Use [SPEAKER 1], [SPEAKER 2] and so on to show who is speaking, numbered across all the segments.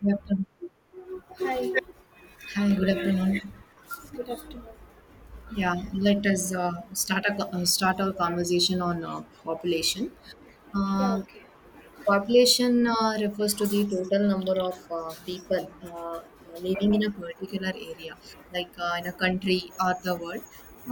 [SPEAKER 1] Good afternoon.
[SPEAKER 2] Hi,
[SPEAKER 1] Hi, good afternoon.
[SPEAKER 2] good afternoon.
[SPEAKER 1] Yeah, let us start our conversation on population.
[SPEAKER 2] Yeah,
[SPEAKER 1] Um
[SPEAKER 2] okay.
[SPEAKER 1] Population refers to the total number of people living in a particular area, like in a country or the world.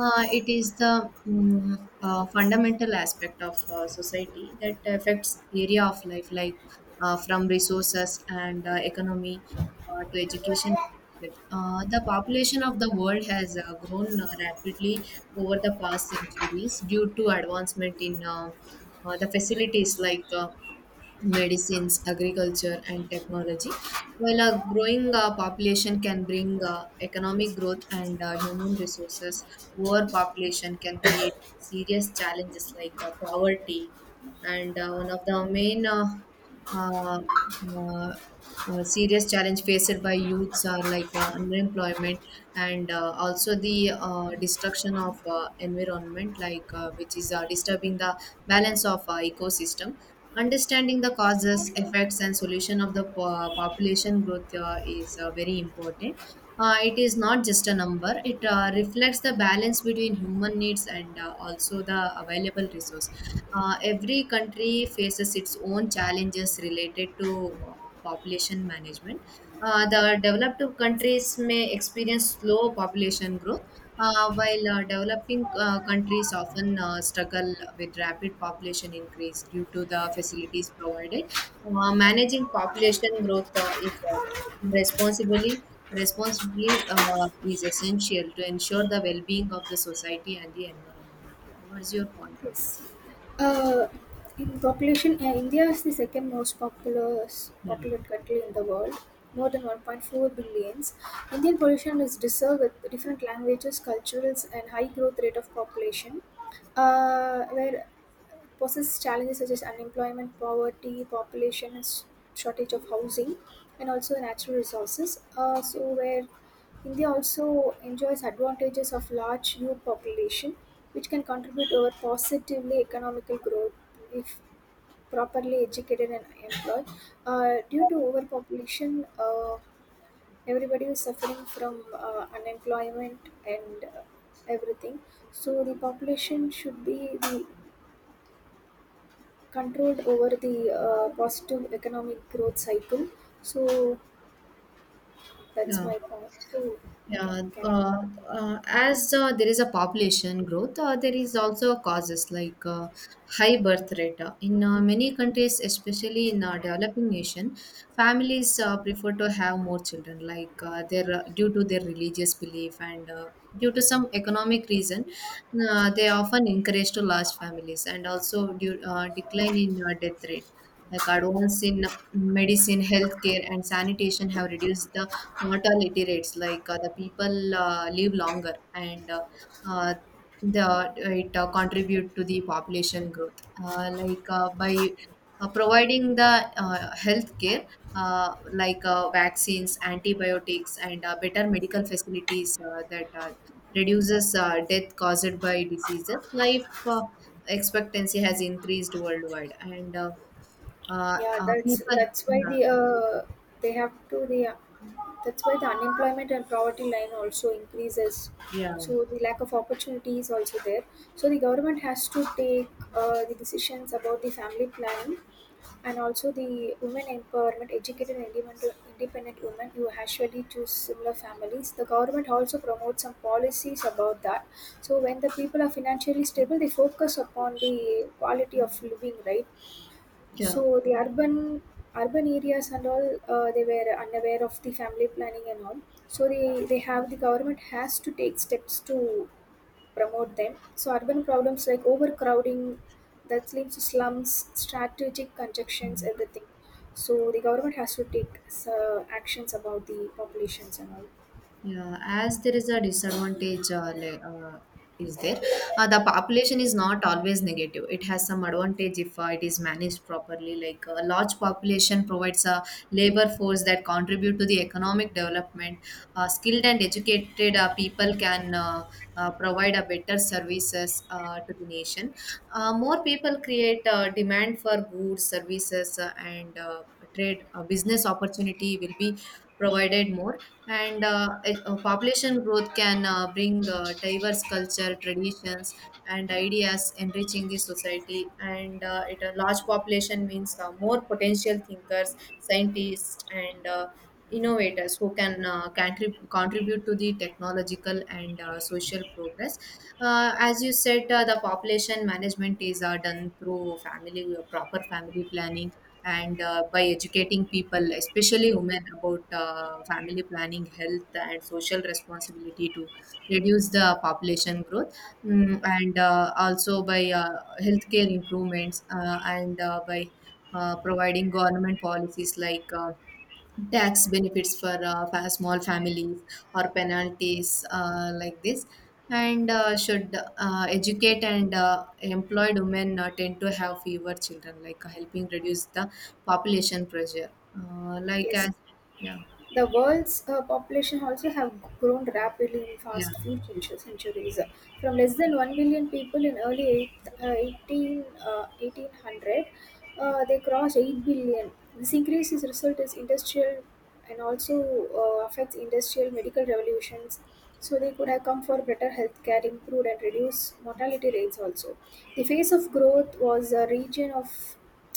[SPEAKER 1] It is the fundamental aspect of society that affects area of life, like from resources and economy to education. The population of the world has grown rapidly over the past centuries due to advancement in the facilities like medicines, agriculture, and technology. While a growing population can bring economic growth and human resources, overpopulation can create serious challenges like poverty. And one of the main uh, uh, serious challenge faced by youths are like unemployment and also the destruction of environment like which is disturbing the balance of ecosystem. Understanding the causes, effects, and solution of the population growth is very important. It is not just a number; it reflects the balance between human needs and also the available resource. Every country faces its own challenges related to population management. The developed countries may experience slow population growth while developing countries often struggle with rapid population increase due to the facilities provided. Managing population growth is responsibly responsibly is essential to ensure the well-being of the society and the environment. What's your point on
[SPEAKER 2] Yes.
[SPEAKER 1] this?
[SPEAKER 2] Uh, in population, India is the second most populous
[SPEAKER 1] Yeah.
[SPEAKER 2] populated country in the world, more than 1.4 billions. Indian population is diverse with different languages, cultures, and high growth rate of population, where poses challenges such as unemployment, poverty, population, and shortage of housing, and also natural resources. So where India also enjoys advantages of large youth population, which can contribute over positively economical growth if properly educated and employed. Due to overpopulation, everybody is suffering from unemployment and everything. So the population should be the controlled over the positive economic growth cycle. So that's
[SPEAKER 1] Yeah.
[SPEAKER 2] my point. So you can
[SPEAKER 1] Yeah,
[SPEAKER 2] carry. On.
[SPEAKER 1] as there is a population growth, there is also causes like high birth rate. In many countries, especially in developing nation, families prefer to have more children, like their due to their religious belief and due to some economic reason, they often encourage to large families, and also due, decline in death rate. Like advances in medicine, healthcare, and sanitation have reduced the not all iterates, like the people live longer, and uh, the it contribute to the population growth like by providing the health care, like vaccines, antibiotics, and better medical facilities that reduces death caused by diseases. Life expectancy has increased worldwide, and
[SPEAKER 2] Yeah, that's
[SPEAKER 1] people.
[SPEAKER 2] that's why
[SPEAKER 1] Yeah.
[SPEAKER 2] the that's why the unemployment and poverty line also increases.
[SPEAKER 1] Yeah.
[SPEAKER 2] So the lack of opportunity is also there. So the government has to take the decisions about the family planning, and also the women empowerment educated and independent women who actually choose similar families. The government also promotes some policies about that. So when the people are financially stable, they focus upon the quality of living, right?
[SPEAKER 1] Yeah.
[SPEAKER 2] So the urban areas and all, they were unaware of the family planning and all. So the government has to take steps to promote them. So urban problems like overcrowding that leads to slums, strategic conjunctions, everything. So the government has to take actions about the populations and all.
[SPEAKER 1] Yeah, as there is a disadvantage, is there? The population is not always negative. It has some advantage if it is managed properly. Like a large population provides a labor force that contribute to the economic development. Skilled and educated people can provide a better services to the nation. More people create demand for goods, services, and trade. Business opportunity will be provided more, and population growth can bring diverse culture, traditions, and ideas, enriching the society. And it, a large population means more potential thinkers, scientists, and innovators who can contribute to the technological and social progress. As you said, the population management is done through family proper family planning, and by educating people, especially women, about family planning, health, and social responsibility to reduce the population growth. And also by healthcare improvements, and by providing government policies like tax benefits for small families or penalties like this. And should educate, and employed women tend to have fewer children, like helping reduce the population pressure, like
[SPEAKER 2] Yes,
[SPEAKER 1] as yeah.
[SPEAKER 2] the world's population also have grown rapidly in
[SPEAKER 1] Yeah.
[SPEAKER 2] fast few centuries, from less than 1 million people in early eight, uh, 18, 1800, they crossed 8 billion. This increase is result is industrial and also affects industrial medical revolutions. So they could have come for better healthcare, improved and reduced mortality rates also. The phase of growth was a region of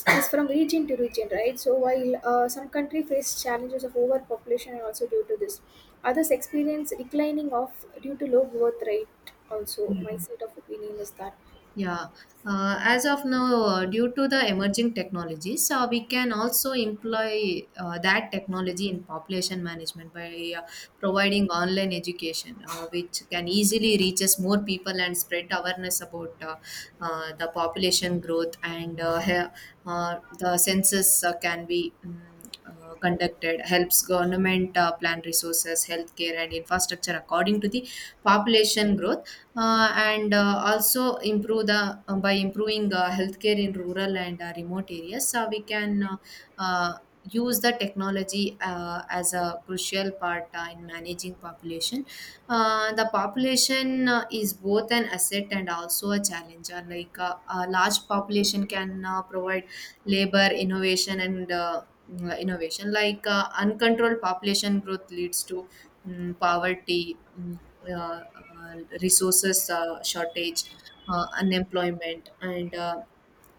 [SPEAKER 2] is from region to region, right? So while some country face challenges of overpopulation also due to this, others experience declining of due to low birth rate. Also,
[SPEAKER 1] Yeah.
[SPEAKER 2] my set of opinion is that.
[SPEAKER 1] Yeah, as of now, due to the emerging technologies, we can also employ that technology in population management by providing online education, which can easily reaches more people and spread awareness about the population growth. And the census can be conducted, helps government plan resources, healthcare, and infrastructure according to the population growth. And also improve the by improving healthcare in rural and remote areas, so we can uh, use the technology as a crucial part in managing population. The population is both an asset and also a challenger. Like a large population can provide labor, innovation, and innovation. Like uncontrolled population growth leads to poverty, uh, uh, resources shortage, unemployment, and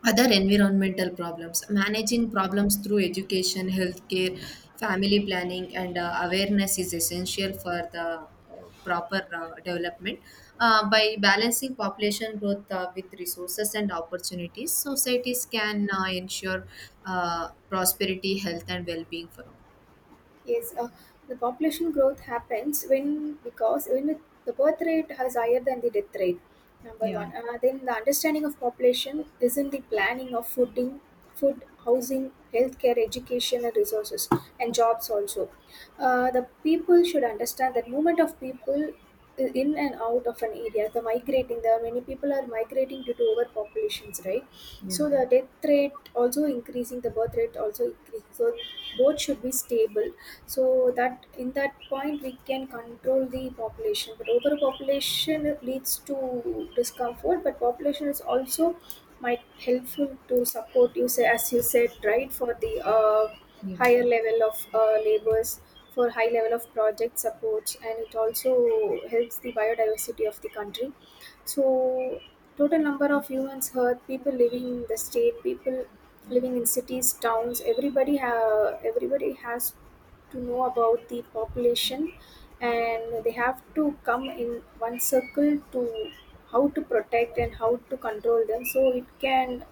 [SPEAKER 1] other environmental problems. Managing problems through education, healthcare, family planning, and awareness is essential for the proper development. By balancing population growth with resources and opportunities, societies can ensure prosperity, health, and well being for all.
[SPEAKER 2] Yes, the population growth happens when because when it- the birth rate is higher than the death rate. Number
[SPEAKER 1] Yeah,
[SPEAKER 2] one, then the understanding of population is in the planning of fooding, food, housing, healthcare, education, and resources, and jobs also. The people should understand that movement of people in and out of an area the migrating. There are many people are migrating due to overpopulations, right?
[SPEAKER 1] yeah.
[SPEAKER 2] So the death rate also increasing, the birth rate also increasing, so both should be stable, so that in that point we can control the population. But overpopulation leads to discomfort, but population is also might helpful to support you say as you said, right, for the
[SPEAKER 1] Yeah.
[SPEAKER 2] higher level of labors for high level of project supports, and it also helps the biodiversity of the country. So, total number of humans hurt, people living in the state, people living in cities, towns. Everybody have everybody has to know about the population, and they have to come in one circle to how to protect and how to control them. So it can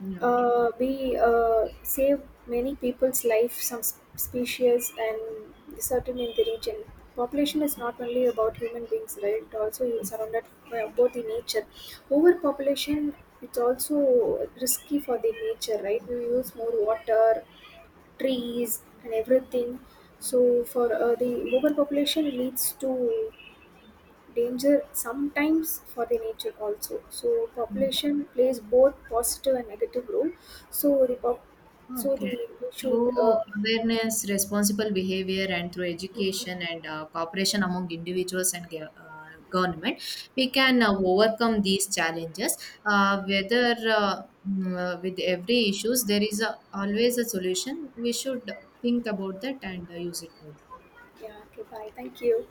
[SPEAKER 1] Yeah.
[SPEAKER 2] we save many people's life, some species, and certain in the region. Population is not only about human beings, right? It also is surrounded by both the nature. Overpopulation, it's also risky for the nature, right? We use more water, trees, and everything. So for the overpopulation leads to danger sometimes for the nature also. So population plays both positive and negative role. So the pop, so the
[SPEAKER 1] Okay.
[SPEAKER 2] we should
[SPEAKER 1] Through awareness, responsible behavior, and through education and cooperation among individuals and government, we can overcome these challenges. With every issues, there is a, always a solution. We should think about that and use it well.
[SPEAKER 2] yeah, okay, bye, thank you.